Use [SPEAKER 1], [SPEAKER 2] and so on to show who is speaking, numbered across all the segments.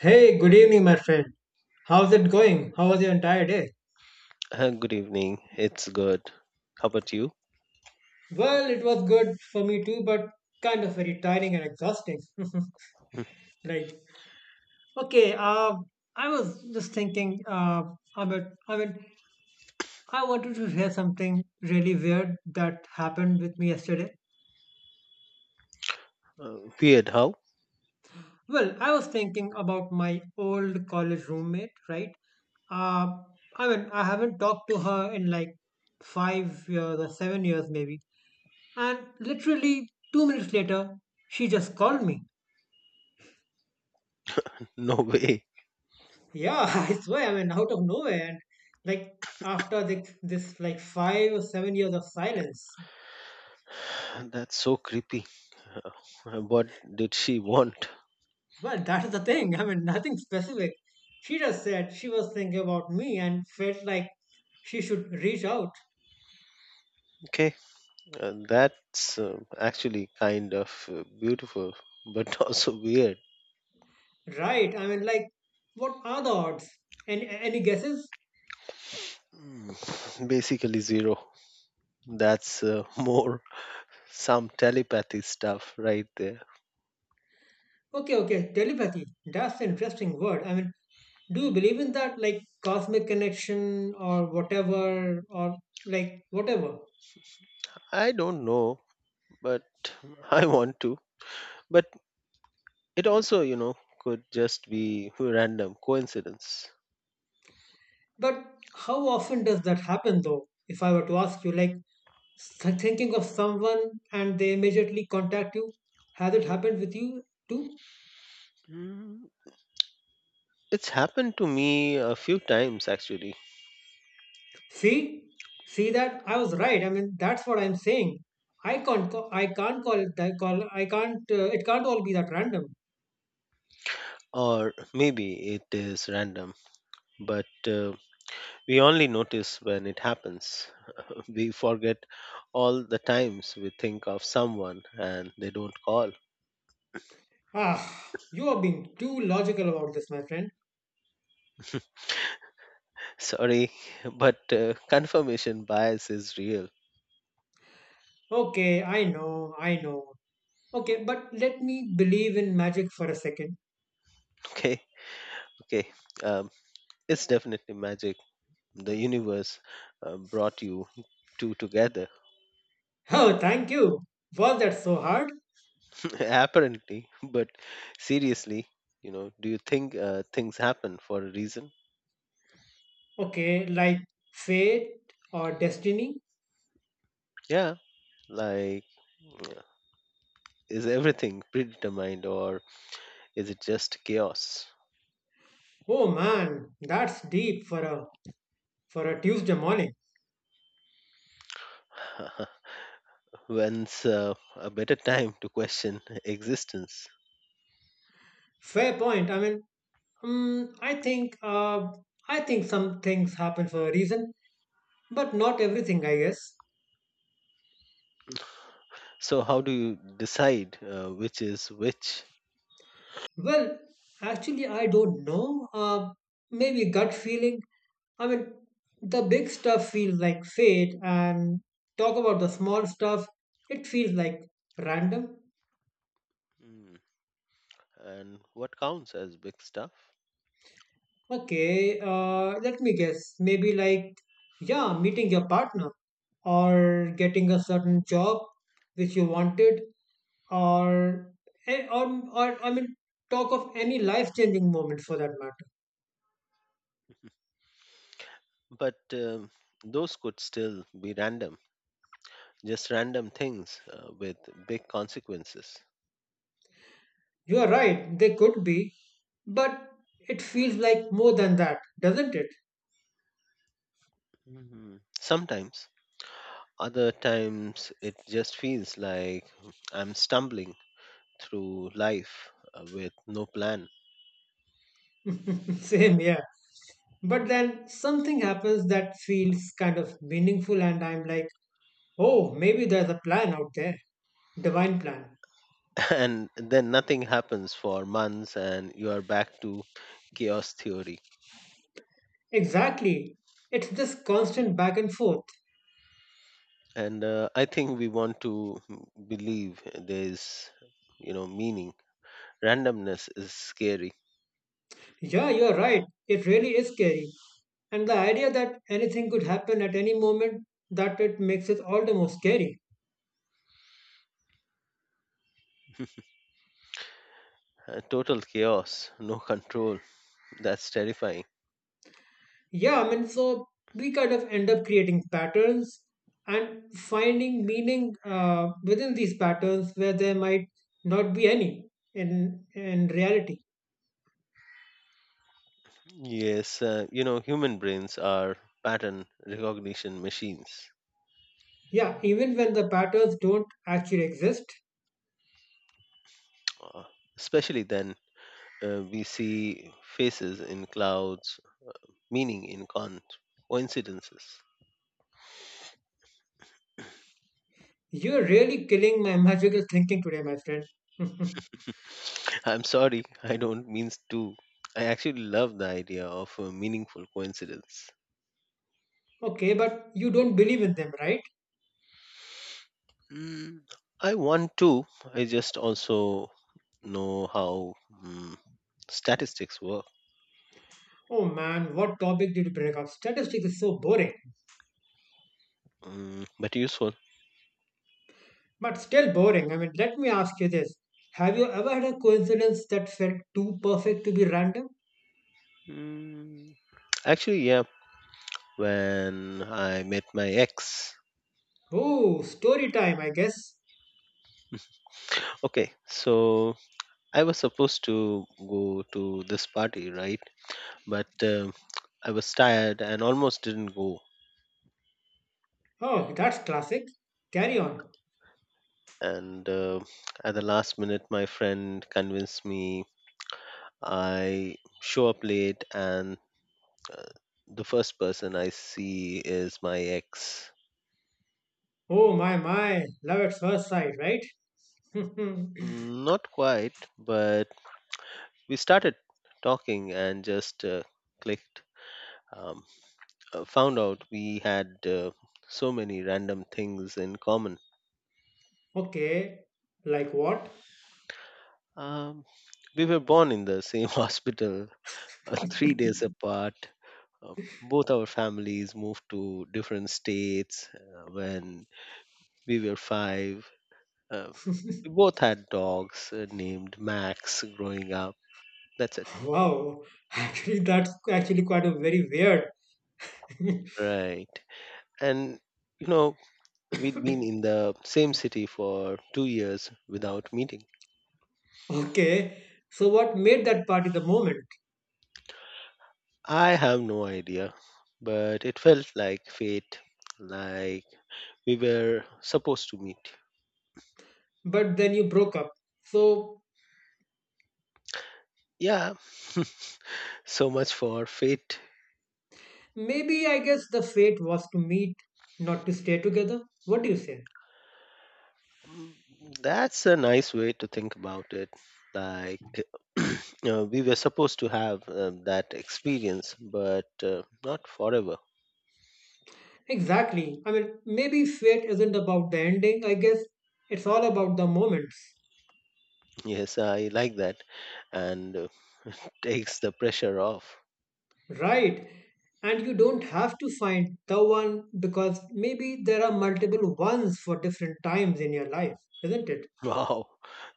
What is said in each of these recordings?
[SPEAKER 1] Hey, good evening, my friend. How's it going? How was your entire day?
[SPEAKER 2] Good evening. It's good. How about you?
[SPEAKER 1] Well, it was good for me too, but kind of very tiring and exhausting.
[SPEAKER 2] Uh,
[SPEAKER 1] Right. Okay. I was just thinking. About. I mean, I wanted to share something really weird that happened with me yesterday.
[SPEAKER 2] Weird, how?
[SPEAKER 1] Well, I was thinking about my old college roommate, right? Uh, I haven't talked to her in like 5 years or 7 years, maybe. And literally 2 minutes later, she just called me.
[SPEAKER 2] No way.
[SPEAKER 1] Yeah, I swear, out of nowhere, and like after this like 5 or 7 years of silence.
[SPEAKER 2] That's so creepy. What did she want?
[SPEAKER 1] But that is the thing. Nothing specific. She just said she was thinking about me and felt like she should reach out.
[SPEAKER 2] Okay, that's actually kind of beautiful, but also weird.
[SPEAKER 1] Right? What are the odds? Any guesses?
[SPEAKER 2] Mm, Basically, zero. That's more some telepathy stuff right there.
[SPEAKER 1] Okay, okay, telepathy. That's an interesting word. Do you believe in that, like cosmic connection or whatever, or like whatever?
[SPEAKER 2] I don't know, but I want to. But it also could just be random coincidence.
[SPEAKER 1] But how often does that happen though? If I were to ask you, like thinking of someone and they immediately contact you, has it happened with you too?
[SPEAKER 2] Mm, It's happened to me a few times actually,
[SPEAKER 1] See, see that I was right. That's what I'm saying. I can't call it that. Call, I can't. It can't all be that random.
[SPEAKER 2] or maybe it is random, but we only notice when it happens. We forget all the times we think of someone and they don't call.
[SPEAKER 1] Ah, you are being too logical about this, my friend.
[SPEAKER 2] Sorry, but confirmation bias is real.
[SPEAKER 1] Okay, I know, I know. Okay, but let me believe in magic for a second.
[SPEAKER 2] Okay, okay. Um, it's definitely magic. The universe brought you two together,
[SPEAKER 1] Oh, thank you. Was that so hard?
[SPEAKER 2] apparently, but seriously. Do you think things happen for a reason?
[SPEAKER 1] Okay, like fate or destiny?
[SPEAKER 2] Yeah, like mm, is everything predetermined or is it just chaos?
[SPEAKER 1] Oh man, that's deep for a Tuesday morning.
[SPEAKER 2] When's a better time to question existence?
[SPEAKER 1] Fair point. Um, I think uh, I think some things happen for a reason, but not everything, I guess.
[SPEAKER 2] So, how do you decide which is which?
[SPEAKER 1] Well, actually, I don't know. Maybe gut feeling. I mean, the big stuff feels like fate, and talk about the small stuff, it feels like random.
[SPEAKER 2] Mm, and what counts as big stuff?
[SPEAKER 1] Okay, let me guess. Maybe like, yeah, meeting your partner, or getting a certain job which you wanted, or, eh, or, or talk of any life changing moment for that matter.
[SPEAKER 2] But those could still be random, just random things with big consequences.
[SPEAKER 1] You are right, they could be, but it feels like more than that, doesn't it?
[SPEAKER 2] Mhm. Sometimes, other times, it just feels like I'm stumbling through life with no plan.
[SPEAKER 1] Same here. But then something happens that feels kind of meaningful, and I'm like, oh, maybe there's a plan out there. Divine plan.
[SPEAKER 2] And then nothing happens for months and you are back to chaos theory.
[SPEAKER 1] Exactly. It's this constant back and forth.
[SPEAKER 2] And I think we want to believe there's meaning. Randomness is scary.
[SPEAKER 1] Yeah, you're right. It really is scary. And the idea that anything could happen at any moment, that it makes it all the more scary.
[SPEAKER 2] Total chaos, no control. That's terrifying.
[SPEAKER 1] Yeah, so we kind of end up creating patterns and finding meaning within these patterns where there might not be any in reality.
[SPEAKER 2] Yes, human brains are pattern recognition machines.
[SPEAKER 1] Yeah, even when the patterns don't actually exist,
[SPEAKER 2] uh, especially then. We see faces in clouds, meaning in coincidences.
[SPEAKER 1] you're really killing my magical thinking today, my friend.
[SPEAKER 2] I'm sorry, I don't mean to. I actually love the idea of a meaningful coincidence.
[SPEAKER 1] Okay, but you don't believe in them, right?
[SPEAKER 2] Mm, I want to. I just also know how mm, statistics work.
[SPEAKER 1] Oh man, what topic did you bring up? Statistics is so boring,
[SPEAKER 2] But useful.
[SPEAKER 1] but still boring. Let me ask you this. Have you ever had a coincidence that felt too perfect to be random?
[SPEAKER 2] Mm, Actually, yeah, when I met my ex.
[SPEAKER 1] Oh, story time, I guess.
[SPEAKER 2] Okay, so I was supposed to go to this party, right? But I was tired and almost didn't go.
[SPEAKER 1] Oh, that's classic. Carry on.
[SPEAKER 2] And at the last minute my friend convinced me. I show up late and uh, the first person I see is my ex.
[SPEAKER 1] Oh, my, my. Love at first sight, right?
[SPEAKER 2] Not quite, but we started talking and just clicked. um, Found out we had so many random things in common.
[SPEAKER 1] Okay. Like what?
[SPEAKER 2] um, we were born in the same hospital, 3 days apart. Uh, both our families moved to different states when we were 5. Uh, we both had dogs named Max growing up. That's it.
[SPEAKER 1] Wow. Actually, that's actually quite a very weird.
[SPEAKER 2] Right. And, you know, we'd been in the same city for 2 years without meeting.
[SPEAKER 1] Okay. So, what made that party the moment?
[SPEAKER 2] I have no idea, but it felt like fate, like we were supposed to meet.
[SPEAKER 1] But then you broke up. So,
[SPEAKER 2] Yeah, so much for fate.
[SPEAKER 1] maybe I guess the fate was to meet, not to stay together. What do you say?
[SPEAKER 2] Mm, That's a nice way to think about it. Like, we were supposed to have that experience, but not forever.
[SPEAKER 1] Exactly. Maybe fate isn't about the ending, I guess. It's all about the moments.
[SPEAKER 2] Yes, I like that. And takes the pressure off.
[SPEAKER 1] Right. And you don't have to find the one because maybe there are multiple ones for different times in your life, isn't it?
[SPEAKER 2] Wow,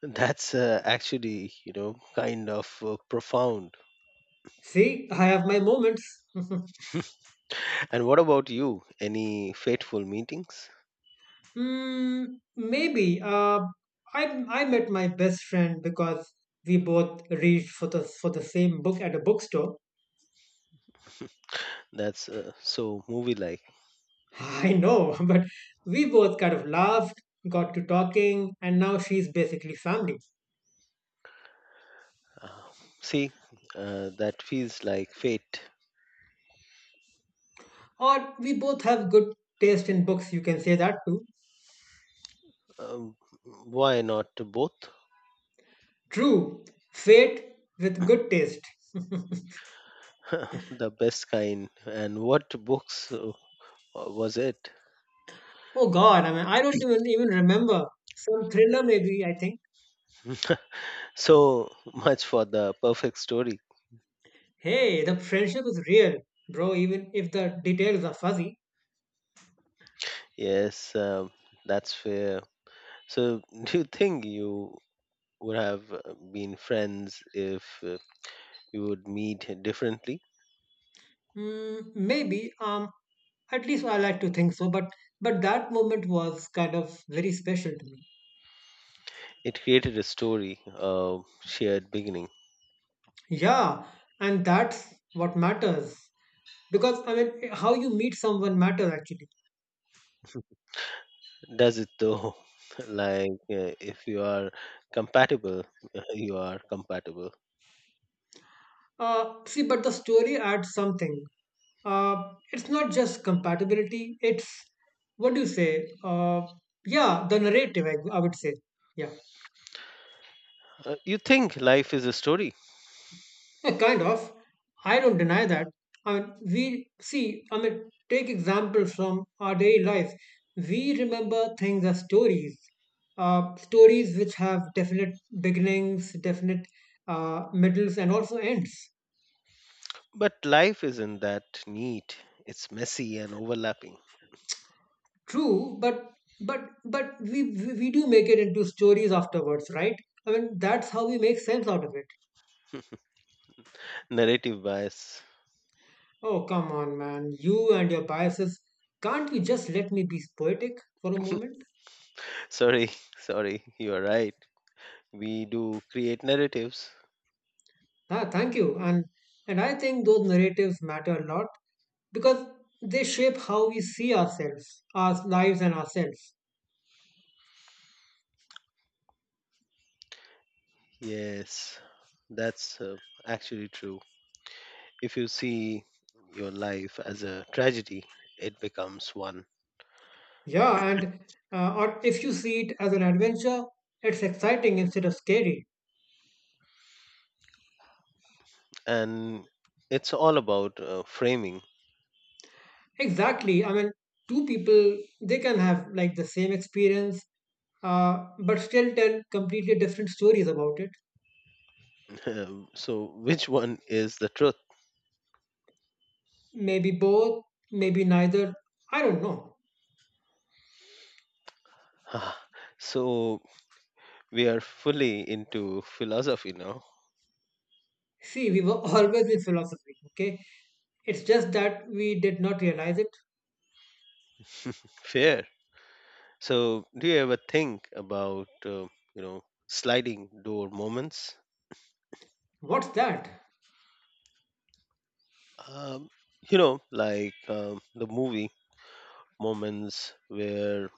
[SPEAKER 2] that's actually kind of profound.
[SPEAKER 1] See, I have my moments.
[SPEAKER 2] And what about you? Any fateful meetings?
[SPEAKER 1] Hmm, maybe. I met my best friend because we both reached for the same book at a bookstore.
[SPEAKER 2] That's so movie like.
[SPEAKER 1] I know, but we both kind of laughed, got to talking, and now she's basically family.
[SPEAKER 2] Uh, see, that feels like fate.
[SPEAKER 1] Or we both have good taste in books. You can say that too.
[SPEAKER 2] Um, why not both?
[SPEAKER 1] True, fate with good taste.
[SPEAKER 2] The best kind. And what books was it?
[SPEAKER 1] Oh God, I don't even remember some thriller. Maybe I think.
[SPEAKER 2] So much for the perfect story.
[SPEAKER 1] Hey, the friendship is real, bro. Even if the details are fuzzy.
[SPEAKER 2] Yes, that's fair. So, do you think you would have been friends if you would meet differently?
[SPEAKER 1] Mm, maybe. At least I like to think so. But that moment was kind of very special to me.
[SPEAKER 2] It created a story, a shared beginning.
[SPEAKER 1] Yeah, and that's what matters because how you meet someone matters actually.
[SPEAKER 2] Does it though? Like, if you are compatible, you are compatible.
[SPEAKER 1] See, but the story adds something. It's not just compatibility, it's what do you say? Yeah, the narrative, I would say. Yeah,
[SPEAKER 2] You think life is a story?
[SPEAKER 1] Eh, kind of. I don't deny that. We see, take examples from our daily life. We remember things as stories, stories which have definite beginnings, definite middles, and also ends.
[SPEAKER 2] But life isn't that neat. It's messy and overlapping.
[SPEAKER 1] True, but we do make it into stories afterwards, right? That's how we make sense out of it.
[SPEAKER 2] Narrative bias.
[SPEAKER 1] Oh, come on, man. You and your biases. Can't you just let me be poetic for a moment?
[SPEAKER 2] Sorry, sorry, you're right. We do create narratives.
[SPEAKER 1] Ah, thank you. And I think those narratives matter a lot because they shape how we see ourselves, our lives, and ourselves.
[SPEAKER 2] Yes, that's actually true. If you see your life as a tragedy, it becomes one.
[SPEAKER 1] Yeah, and or if you see it as an adventure, it's exciting instead of scary.
[SPEAKER 2] And it's all about framing.
[SPEAKER 1] Exactly. Two people, they can have like the same experience, but still tell completely different stories about it.
[SPEAKER 2] So, which one is the truth?
[SPEAKER 1] Maybe both, maybe neither. I don't know.
[SPEAKER 2] So, we are fully into philosophy now.
[SPEAKER 1] See, we were always in philosophy, okay? It's just that we did not realize it.
[SPEAKER 2] Fair. So, do you ever think about sliding door moments?
[SPEAKER 1] What's that?
[SPEAKER 2] Um, like the movie moments where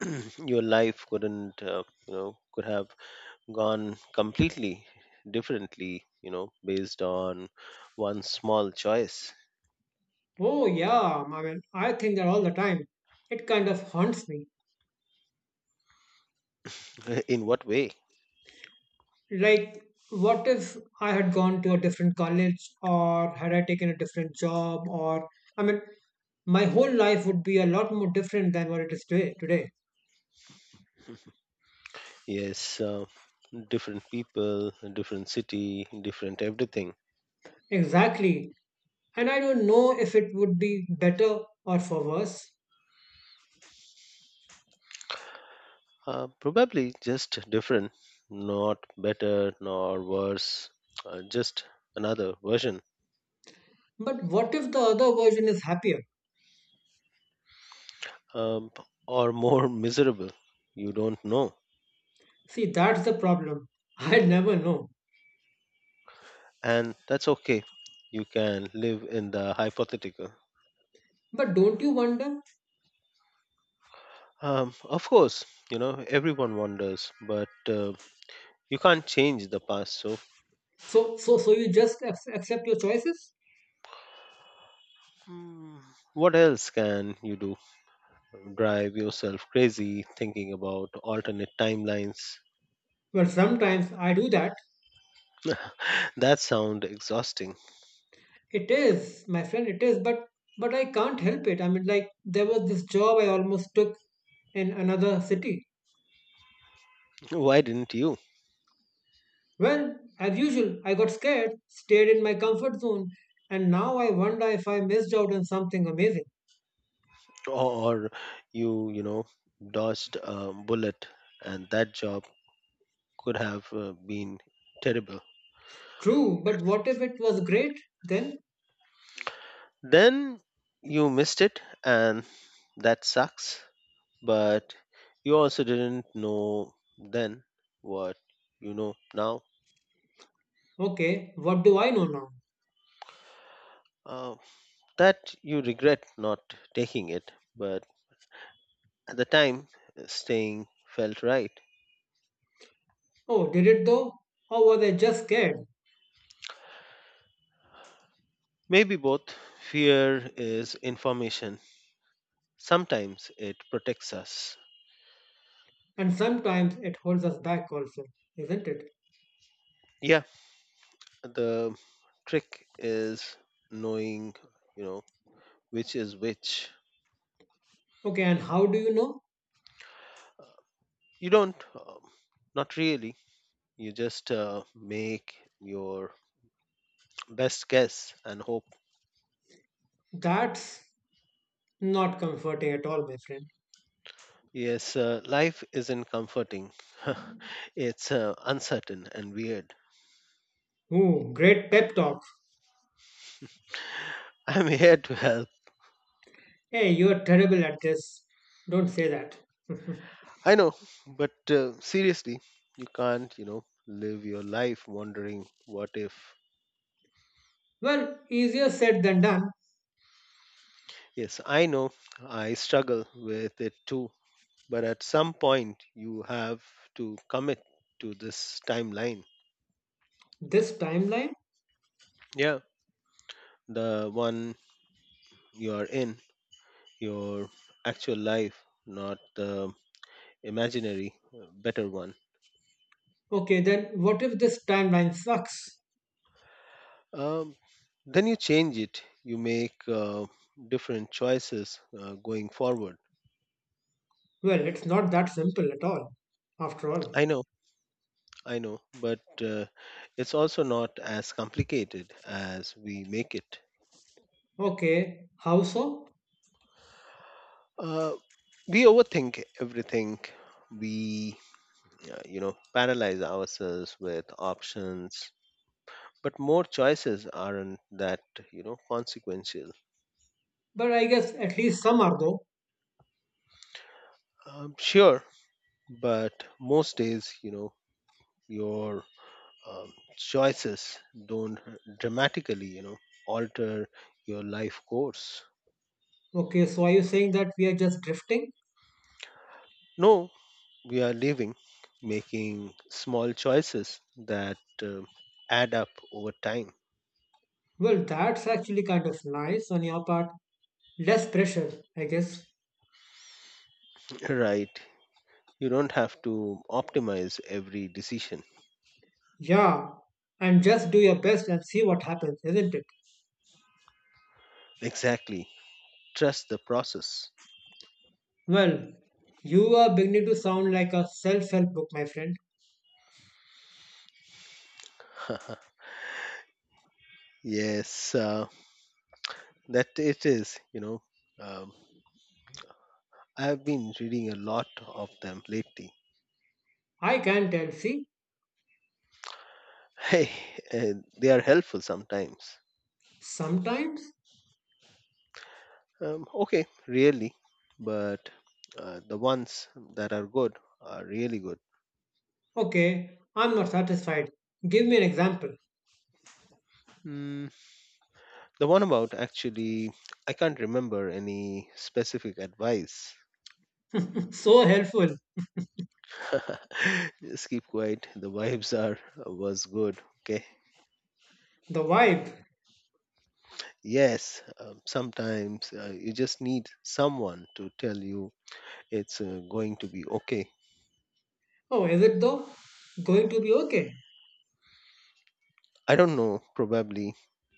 [SPEAKER 2] your life couldn't could have gone completely differently. Based on one small choice.
[SPEAKER 1] Oh, yeah, I think that all the time. It kind of haunts me.
[SPEAKER 2] In what way?
[SPEAKER 1] Like, what if I had gone to a different college or had I taken a different job? Or, I mean, my whole life would be a lot more different than what it is today.
[SPEAKER 2] Yes, different people, different city, different everything.
[SPEAKER 1] Exactly. And I don't know if it would be better or for worse.
[SPEAKER 2] Probably just different, not better nor worse, just another version,
[SPEAKER 1] But what if the other version is happier?
[SPEAKER 2] um, or more miserable. You don't know.
[SPEAKER 1] See, that's the problem. I never know.
[SPEAKER 2] And that's okay. You can live in the hypothetical.
[SPEAKER 1] But don't you wonder?
[SPEAKER 2] Of course everyone wonders, but you can't change the past. So,
[SPEAKER 1] So you just accept your choices?
[SPEAKER 2] mm, what else can you do? Drive yourself crazy thinking about alternate timelines.
[SPEAKER 1] Well, sometimes I do that.
[SPEAKER 2] That sound exhausting.
[SPEAKER 1] It is, my friend, it is, but I can't help it. Like there was this job I almost took in another city.
[SPEAKER 2] Why didn't you?
[SPEAKER 1] Well, as usual, I got scared, stayed in my comfort zone, and now I wonder if I missed out on something amazing.
[SPEAKER 2] Or you you know dodged a bullet, and that job could have been terrible.
[SPEAKER 1] True, but what if it was great? Then,
[SPEAKER 2] Then you missed it and that sucks, but you also didn't know then what you know now.
[SPEAKER 1] okay, what do I know now?
[SPEAKER 2] Uh, that you regret not taking it, but at the time staying felt right.
[SPEAKER 1] Oh, did it though? Or was I just scared?
[SPEAKER 2] Maybe both. Fear is information. Sometimes it protects us.
[SPEAKER 1] And sometimes it holds us back also, isn't it?
[SPEAKER 2] Yeah, the trick is knowing you know which is which.
[SPEAKER 1] Okay, and how do you know?
[SPEAKER 2] You don't. Not really. You just make your best guess and hope.
[SPEAKER 1] That's not comforting at all, my friend.
[SPEAKER 2] Yes, life isn't comforting. It's uncertain and weird.
[SPEAKER 1] Ooh, great pep talk.
[SPEAKER 2] I'm here to help.
[SPEAKER 1] Hey, you're terrible at this. Don't say that.
[SPEAKER 2] I know, but seriously, you can't live your life wondering what if.
[SPEAKER 1] Well, easier said than done.
[SPEAKER 2] Yes, I know. I struggle with it too, but at some point you have to commit to this timeline.
[SPEAKER 1] This timeline?
[SPEAKER 2] Yeah, the one you are in, your actual life, not the imaginary better one.
[SPEAKER 1] Okay, then what if this timeline sucks?
[SPEAKER 2] Um, then you change it. You make different choices going forward.
[SPEAKER 1] Well, it's not that simple at all, after all.
[SPEAKER 2] I know, I know, but it's also not as complicated as we make it.
[SPEAKER 1] Okay, how so?
[SPEAKER 2] Uh, we overthink everything. We paralyze ourselves with options. But more choices aren't that consequential.
[SPEAKER 1] But I guess at least some are though.
[SPEAKER 2] Sure, but most days your choices don't dramatically alter your life course.
[SPEAKER 1] Okay, so are you saying that we are just drifting?
[SPEAKER 2] No, we are living, making small choices that add up over time,
[SPEAKER 1] Well, that's actually kind of nice on your part. Less pressure, I guess.
[SPEAKER 2] right? You don't have to optimize every decision.
[SPEAKER 1] Yeah, and just do your best and see what happens, isn't it?
[SPEAKER 2] Exactly, trust the process.
[SPEAKER 1] Well, you are beginning to sound like a self help book, my friend.
[SPEAKER 2] Yes, that it is. Um, I've been reading a lot of them lately.
[SPEAKER 1] I can tell. See,
[SPEAKER 2] Hey, eh, they are helpful sometimes.
[SPEAKER 1] sometimes,
[SPEAKER 2] Okay, really, but the ones that are good are really good.
[SPEAKER 1] okay, I'm not satisfied. Give me an example.
[SPEAKER 2] Mm, the one about Actually, I can't remember any specific advice.
[SPEAKER 1] So helpful.
[SPEAKER 2] Just keep quiet. The vibes are was good. Okay.
[SPEAKER 1] The vibe.
[SPEAKER 2] Yes, sometimes you just need someone to tell you it's going to be okay.
[SPEAKER 1] Oh, is it though? Going to be okay?
[SPEAKER 2] I don't know, probably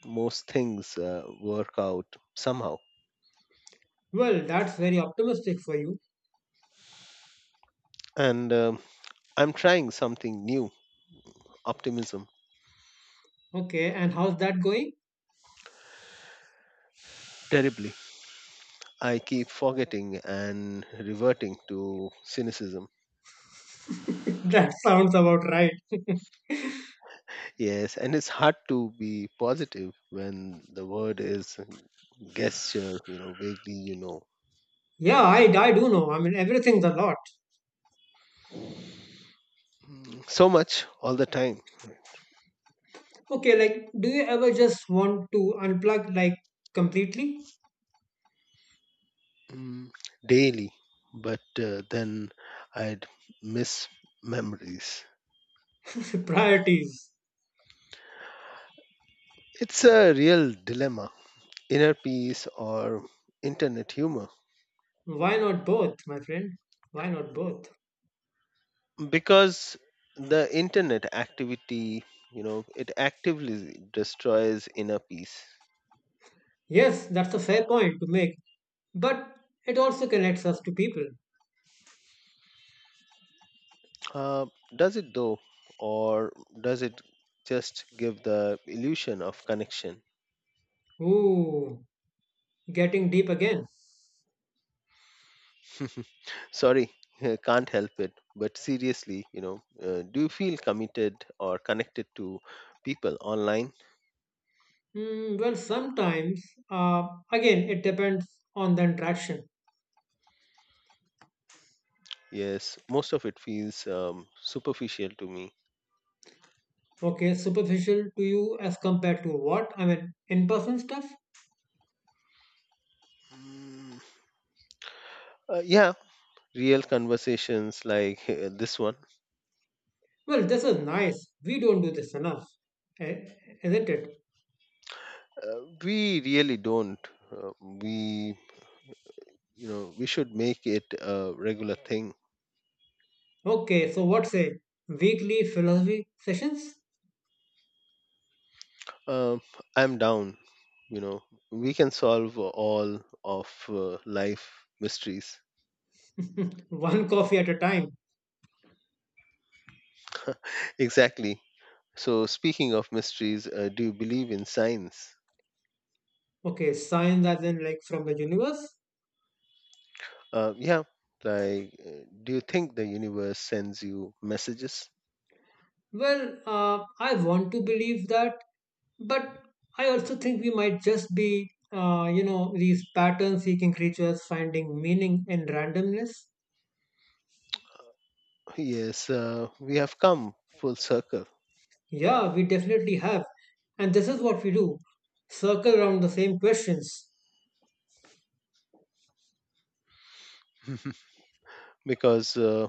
[SPEAKER 2] most things work out somehow.
[SPEAKER 1] Well, that's very optimistic for you.
[SPEAKER 2] And I'm trying something new, optimism,
[SPEAKER 1] Okay, and how's that going?
[SPEAKER 2] terribly. I keep forgetting and reverting to cynicism.
[SPEAKER 1] That sounds about right.
[SPEAKER 2] Yes, and it's hard to be positive when the word is gesture vaguely.
[SPEAKER 1] Yeah, I do know. Everything's a lot.
[SPEAKER 2] So much all the time.
[SPEAKER 1] Okay, like, do you ever just want to unplug, like, completely?
[SPEAKER 2] Mm, Daily, but then I'd miss memories.
[SPEAKER 1] Priorities.
[SPEAKER 2] It's a real dilemma: inner peace or internet humor.
[SPEAKER 1] Why not both, my friend? Why not both?
[SPEAKER 2] Because the internet activity it actively destroys inner peace.
[SPEAKER 1] Yes, that's a fair point to make, but it also connects us to people.
[SPEAKER 2] Uh, does it though, or does it just give the illusion of connection?
[SPEAKER 1] Ooh, getting deep again.
[SPEAKER 2] Sorry, can't help it. But seriously, do you feel committed or connected to people online?
[SPEAKER 1] Mm, well, sometimes, again, it depends on the interaction.
[SPEAKER 2] Yes, most of it feels superficial to me.
[SPEAKER 1] Okay, superficial to you as compared to what? In person stuff?
[SPEAKER 2] Mm, yeah, real conversations like this one.
[SPEAKER 1] Well, this is nice. We don't do this enough, eh, isn't it?
[SPEAKER 2] We really don't. Uh, we, we should make it a regular thing.
[SPEAKER 1] Okay, so what say? Weekly philosophy sessions?
[SPEAKER 2] Um, I'm down. You know, we can solve all of life mysteries.
[SPEAKER 1] One coffee at a time.
[SPEAKER 2] Exactly. So, speaking of mysteries, do you believe in science?
[SPEAKER 1] Okay, science as in like from the universe?
[SPEAKER 2] Yeah, like, do you think the universe sends you messages?
[SPEAKER 1] Well, I want to believe that, but I also think we might just be, these pattern seeking creatures finding meaning in randomness.
[SPEAKER 2] Yes, we have come full circle.
[SPEAKER 1] Yeah, we definitely have. And this is what we do circle around the same questions.
[SPEAKER 2] because uh,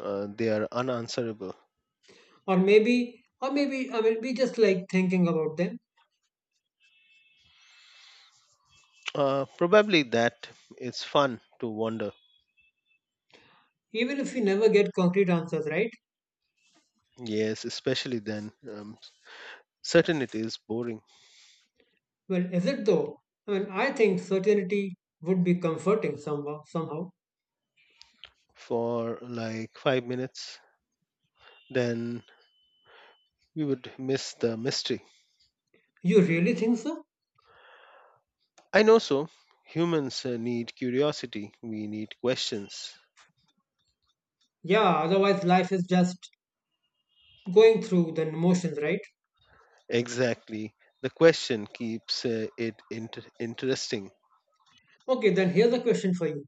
[SPEAKER 2] uh, they are unanswerable.
[SPEAKER 1] Or maybe, we just like thinking about them,
[SPEAKER 2] Probably that it's fun to wonder.
[SPEAKER 1] even if we never get concrete answers, right?
[SPEAKER 2] Yes, especially then. Certainty is boring
[SPEAKER 1] Well, is it though? I think certainty would be comforting somehow.
[SPEAKER 2] for like 5 minutes, then we would miss the mystery.
[SPEAKER 1] You really think so?
[SPEAKER 2] I know so. Humans need curiosity. We need questions.
[SPEAKER 1] Yeah, otherwise life is just going through the motions, right?
[SPEAKER 2] Exactly. The question keeps it interesting.
[SPEAKER 1] Okay, then here's a question for you.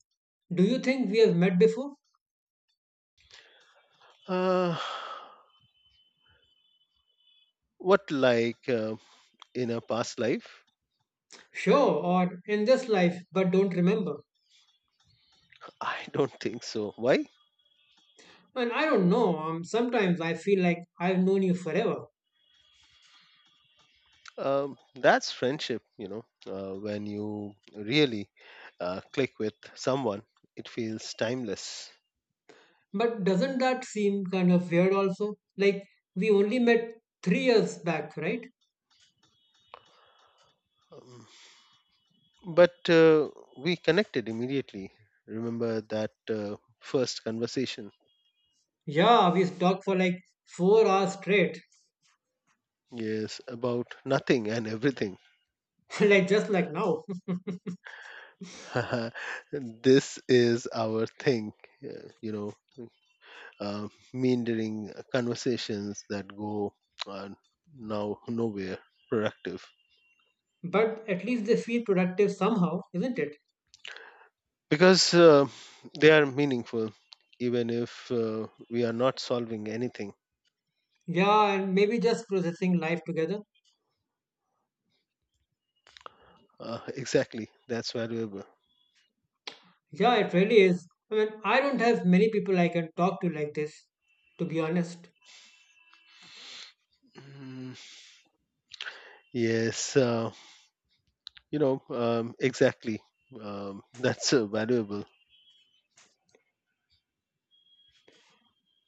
[SPEAKER 1] Do you think we have met before?
[SPEAKER 2] Uh, what, like in a past life?
[SPEAKER 1] Sure, or in this life, but don't remember.
[SPEAKER 2] I don't think so. Why?
[SPEAKER 1] And I don't know, sometimes I feel like I've known you forever.
[SPEAKER 2] That's friendship, when you really click with someone, it feels timeless.
[SPEAKER 1] But doesn't that seem kind of weird also? Like, we only met 3 years back, right?
[SPEAKER 2] Um, but we connected immediately. Remember that first conversation?
[SPEAKER 1] Yeah, we talked for like 4 hours straight,
[SPEAKER 2] Yes, about nothing and everything.
[SPEAKER 1] like just like now.
[SPEAKER 2] This is our thing, uh, you know, uh, meandering conversations that go uh, nowhere productive.
[SPEAKER 1] But at least they feel productive somehow, isn't it?
[SPEAKER 2] Because they are meaningful, even if we are not solving anything.
[SPEAKER 1] Yeah, and maybe just processing life together.
[SPEAKER 2] Exactly, that's valuable.
[SPEAKER 1] Yeah, it really is. I mean, I don't have many people I can talk to like this, to be honest.
[SPEAKER 2] Mm, Yes, exactly. That's valuable.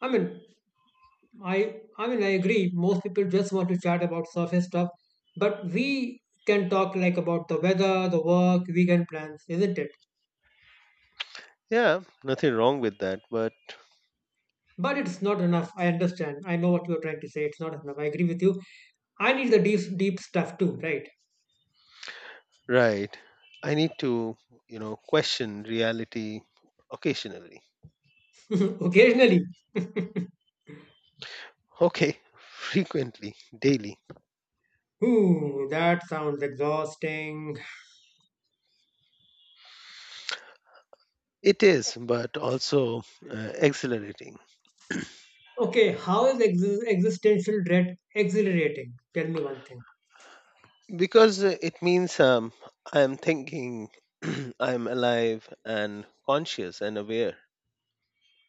[SPEAKER 1] I mean, I mean, I agree. Most people just want to chat about surface stuff, but we can talk like about the weather, the work, weekend plans, isn't it?
[SPEAKER 2] Yeah, nothing wrong with that, but.
[SPEAKER 1] But it's not enough. I understand. I know what you're trying to say. It's not enough. I agree with you. I need the deep stuff too, right?
[SPEAKER 2] Right. I need to question reality occasionally.
[SPEAKER 1] Occasionally.
[SPEAKER 2] Okay, frequently, daily.
[SPEAKER 1] Ooh, that sounds exhausting.
[SPEAKER 2] It is, but also exhilarating
[SPEAKER 1] Okay, how is existential dread exhilarating? Tell me one thing.
[SPEAKER 2] because it means I am thinking. I am alive and conscious and aware.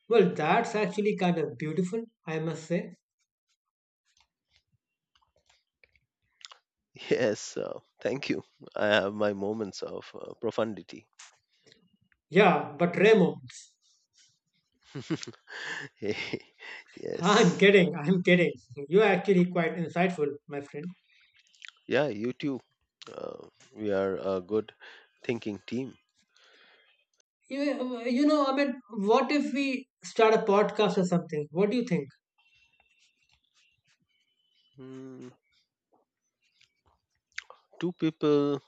[SPEAKER 1] Well, that's actually kind of beautiful, I must say.
[SPEAKER 2] Yes, thank you. I have my moments of profundity.
[SPEAKER 1] Yeah, but Raymond, I'm
[SPEAKER 2] Yes.
[SPEAKER 1] kidding, I'm kidding. You're actually quite insightful, my friend.
[SPEAKER 2] Yeah, you too. Uh, we are a good thinking team.
[SPEAKER 1] You know, I mean, what if we start a podcast or something? What do you think?
[SPEAKER 2] Hmm. Two people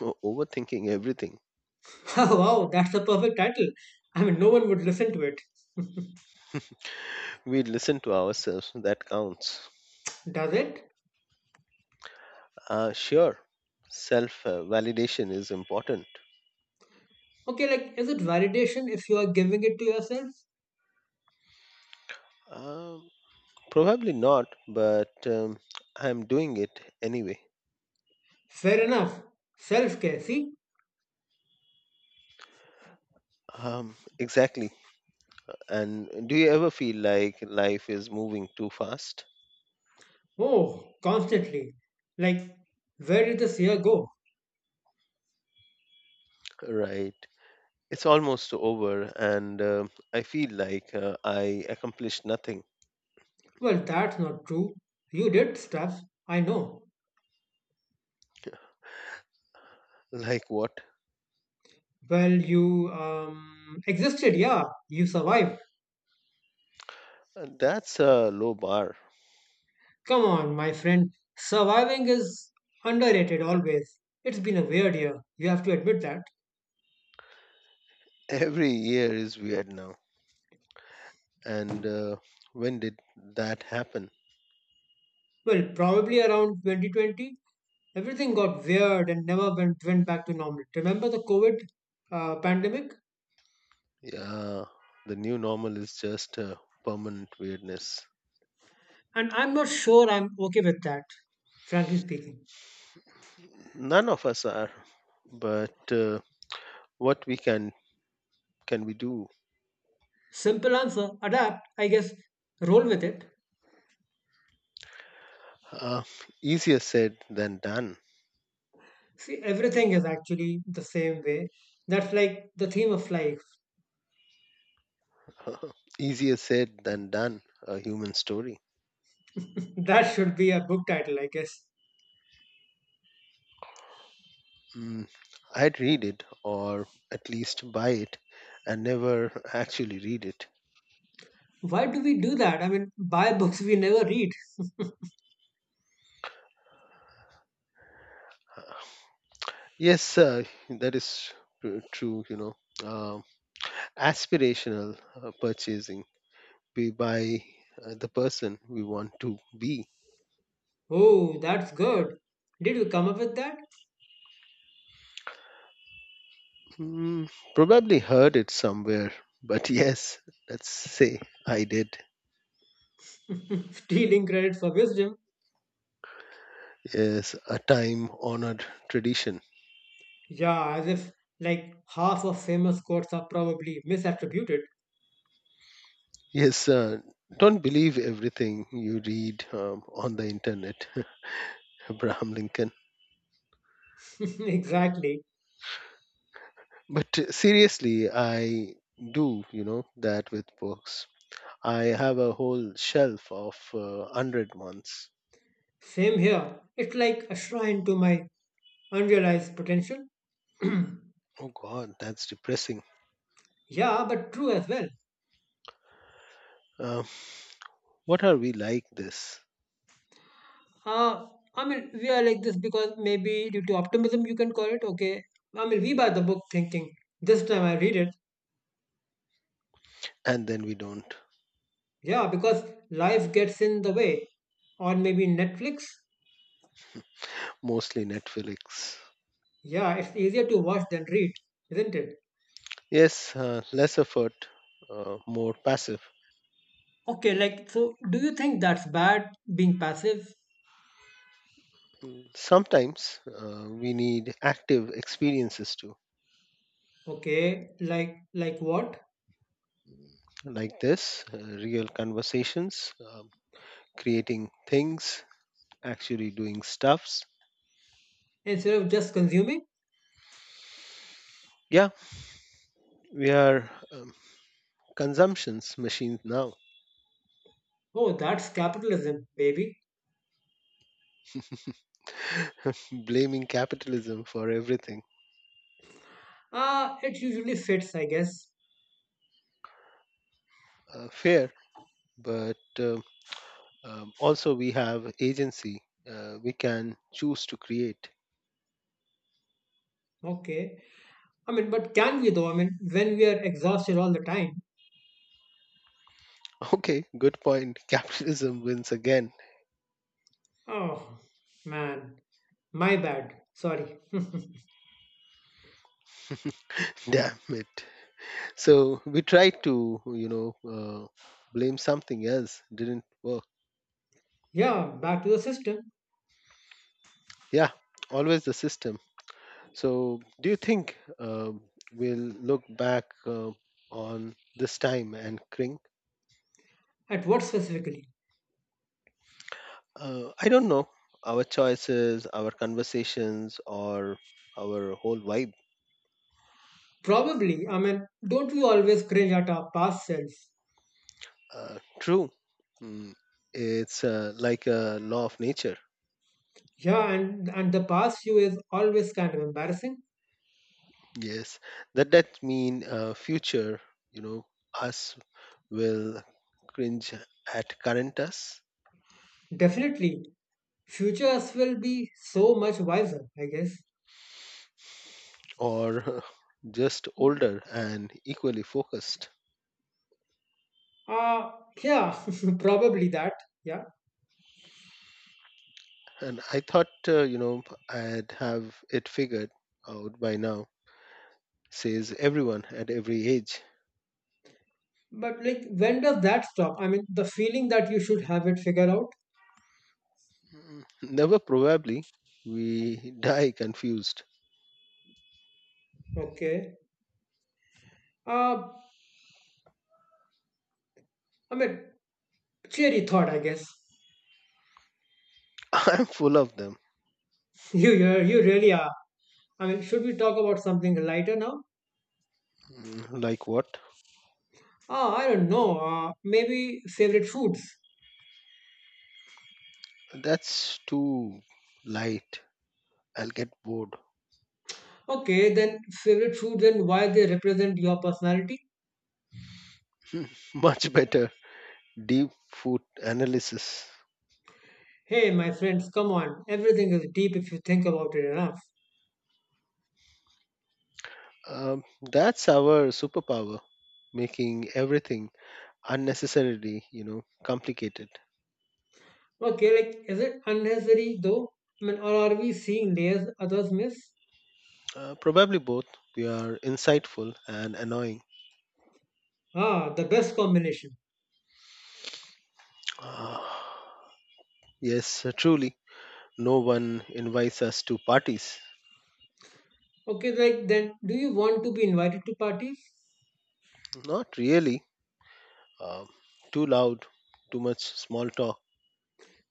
[SPEAKER 2] overthinking everything.
[SPEAKER 1] Oh, wow, that's a perfect title. I mean, no one would listen to it.
[SPEAKER 2] We listen to ourselves, that counts.
[SPEAKER 1] Does it?
[SPEAKER 2] Sure, self validation is important.
[SPEAKER 1] Okay, like, is it validation if you are giving it to yourself?
[SPEAKER 2] Um, probably not, but I'm doing it anyway.
[SPEAKER 1] Fair enough. Self care, see?
[SPEAKER 2] Exactly. And do you ever feel like life is moving too fast?
[SPEAKER 1] Oh, constantly. Like, where did this year go?
[SPEAKER 2] Right. It's almost over, and I feel like I accomplished nothing.
[SPEAKER 1] Well, that's not true. You did stuff, I know.
[SPEAKER 2] Like what?
[SPEAKER 1] Well, you existed, yeah. You survived.
[SPEAKER 2] That's a low bar.
[SPEAKER 1] Come on, my friend. Surviving is underrated always. It's been a weird year. You have to admit that.
[SPEAKER 2] Every year is weird now. And when did that happen?
[SPEAKER 1] Well, probably around 2020, everything got weird and never went back to normal. Remember the COVID pandemic?
[SPEAKER 2] Yeah, the new normal is just a permanent weirdness.
[SPEAKER 1] And I'm not sure I'm okay with that, frankly speaking.
[SPEAKER 2] None of us are, but what we can we do?
[SPEAKER 1] Simple answer, adapt, I guess, roll with it.
[SPEAKER 2] Uh, easier said than done.
[SPEAKER 1] See, everything is actually the same way. That's like the theme of life.
[SPEAKER 2] Easier said than done. A human story.
[SPEAKER 1] That should be a book title, I guess.
[SPEAKER 2] Mm, I'd read it, or at least buy it, and never actually read it.
[SPEAKER 1] Why do we do that? I mean, buy books we never read.
[SPEAKER 2] Yes, that is true. Um aspirational purchasing be by the person we want to be.
[SPEAKER 1] Oh, that's good. Did you come up with that?
[SPEAKER 2] Hmm, probably heard it somewhere, but yes, let's say I did.
[SPEAKER 1] Stealing credit for wisdom.
[SPEAKER 2] Yes, a time honored tradition.
[SPEAKER 1] Yeah, as if like half of famous quotes are probably misattributed.
[SPEAKER 2] Yes, don't believe everything you read on the internet. Abraham Lincoln.
[SPEAKER 1] Exactly.
[SPEAKER 2] But seriously, I do that with books. I have a whole shelf of 100 ones.
[SPEAKER 1] Same here. It's like a shrine to my unrealized potential.
[SPEAKER 2] Oh, God, that's depressing.
[SPEAKER 1] Yeah, but true as well.
[SPEAKER 2] Uh, what are we like this?
[SPEAKER 1] Uh, I mean, we are like this because maybe due to optimism, you can call it. Okay. I mean, we buy the book thinking, this time I read it.
[SPEAKER 2] And then we don't.
[SPEAKER 1] Yeah, because life gets in the way. Or maybe Netflix.
[SPEAKER 2] Mostly Netflix.
[SPEAKER 1] Yeah, it's easier to watch than read, isn't it?
[SPEAKER 2] Yes, less effort, more passive.
[SPEAKER 1] Okay, like, so do you think that's bad being passive?
[SPEAKER 2] Sometimes we need active experiences too,
[SPEAKER 1] Okay, like what?
[SPEAKER 2] like this real conversations, creating things, actually doing stuffs.
[SPEAKER 1] Instead of just consuming?
[SPEAKER 2] Yeah, we are consumptions machines now,
[SPEAKER 1] Oh, that's capitalism, baby.
[SPEAKER 2] blaming capitalism for everything.
[SPEAKER 1] Ah, it usually fits, I guess.
[SPEAKER 2] Fair, but also we have agency. We can choose to create.
[SPEAKER 1] Okay. I mean, but can we though? I mean, when we are exhausted all the time.
[SPEAKER 2] Okay, good point. Capitalism wins again.
[SPEAKER 1] Oh, man, my bad. Sorry.
[SPEAKER 2] Damn it. So we tried to blame something else. Didn't work.
[SPEAKER 1] Yeah, back to the system.
[SPEAKER 2] Yeah, always the system. So do you think we'll look back on this time and cring?
[SPEAKER 1] At what specifically?
[SPEAKER 2] I don't know. Our choices, our conversations, or our whole vibe.
[SPEAKER 1] Probably. I mean, don't we always cringe at our past selves?
[SPEAKER 2] True. Mm, it's like a law of nature.
[SPEAKER 1] Yeah, and the past you is always kind of embarrassing.
[SPEAKER 2] Yes, that mean future, you know, us will cringe at current us.
[SPEAKER 1] Definitely, future us will be so much wiser. I guess.
[SPEAKER 2] Or just older and equally focused.
[SPEAKER 1] Uh yeah, probably that. Yeah,
[SPEAKER 2] And I thought, I'd have it figured out by now, says everyone at every age.
[SPEAKER 1] but like, when does that stop? I mean, the feeling that you should have it figured out.
[SPEAKER 2] Never probably we die confused.
[SPEAKER 1] Okay. Uh, I mean, cheery thought, I guess.
[SPEAKER 2] I'm full of them.
[SPEAKER 1] You really are. I mean, should we talk about something lighter now?
[SPEAKER 2] Like what?
[SPEAKER 1] Ah, I don't know. Maybe favorite foods.
[SPEAKER 2] That's too light. I'll get bored.
[SPEAKER 1] Okay, then favorite foods and why they represent your personality.
[SPEAKER 2] Much better deep food analysis.
[SPEAKER 1] Hey, my friends, come on. Everything is deep if you think about it enough.
[SPEAKER 2] That's our superpower, making everything unnecessarily complicated.
[SPEAKER 1] Okay, like, is it unnecessary though? I mean, or are we seeing layers others miss?
[SPEAKER 2] Probably both. We are insightful and annoying.
[SPEAKER 1] Ah, the best combination.
[SPEAKER 2] Ah, yes, truly. No one invites us to parties.
[SPEAKER 1] Okay, like, then do you want to be invited to parties?
[SPEAKER 2] Not really. Um, too loud, too much small talk.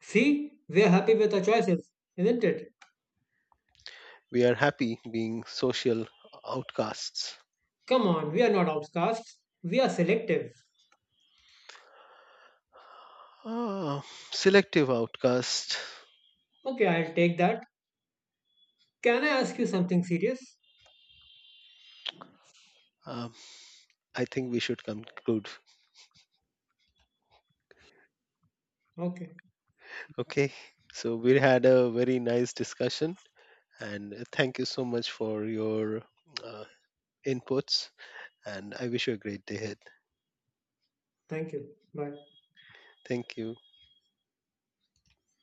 [SPEAKER 1] See, we are happy with our choices, isn't it?
[SPEAKER 2] We are happy being social outcasts.
[SPEAKER 1] Come on, we are not outcasts. We are selective.
[SPEAKER 2] Ah, selective outcast.
[SPEAKER 1] Okay, I'll take that. Can I ask you something serious?
[SPEAKER 2] Um, I think we should conclude.
[SPEAKER 1] Okay,
[SPEAKER 2] Okay, so we had a very nice discussion, and thank you so much for your uh, inputs. And I wish you a great day ahead.
[SPEAKER 1] thank you. Bye.
[SPEAKER 2] Thank you.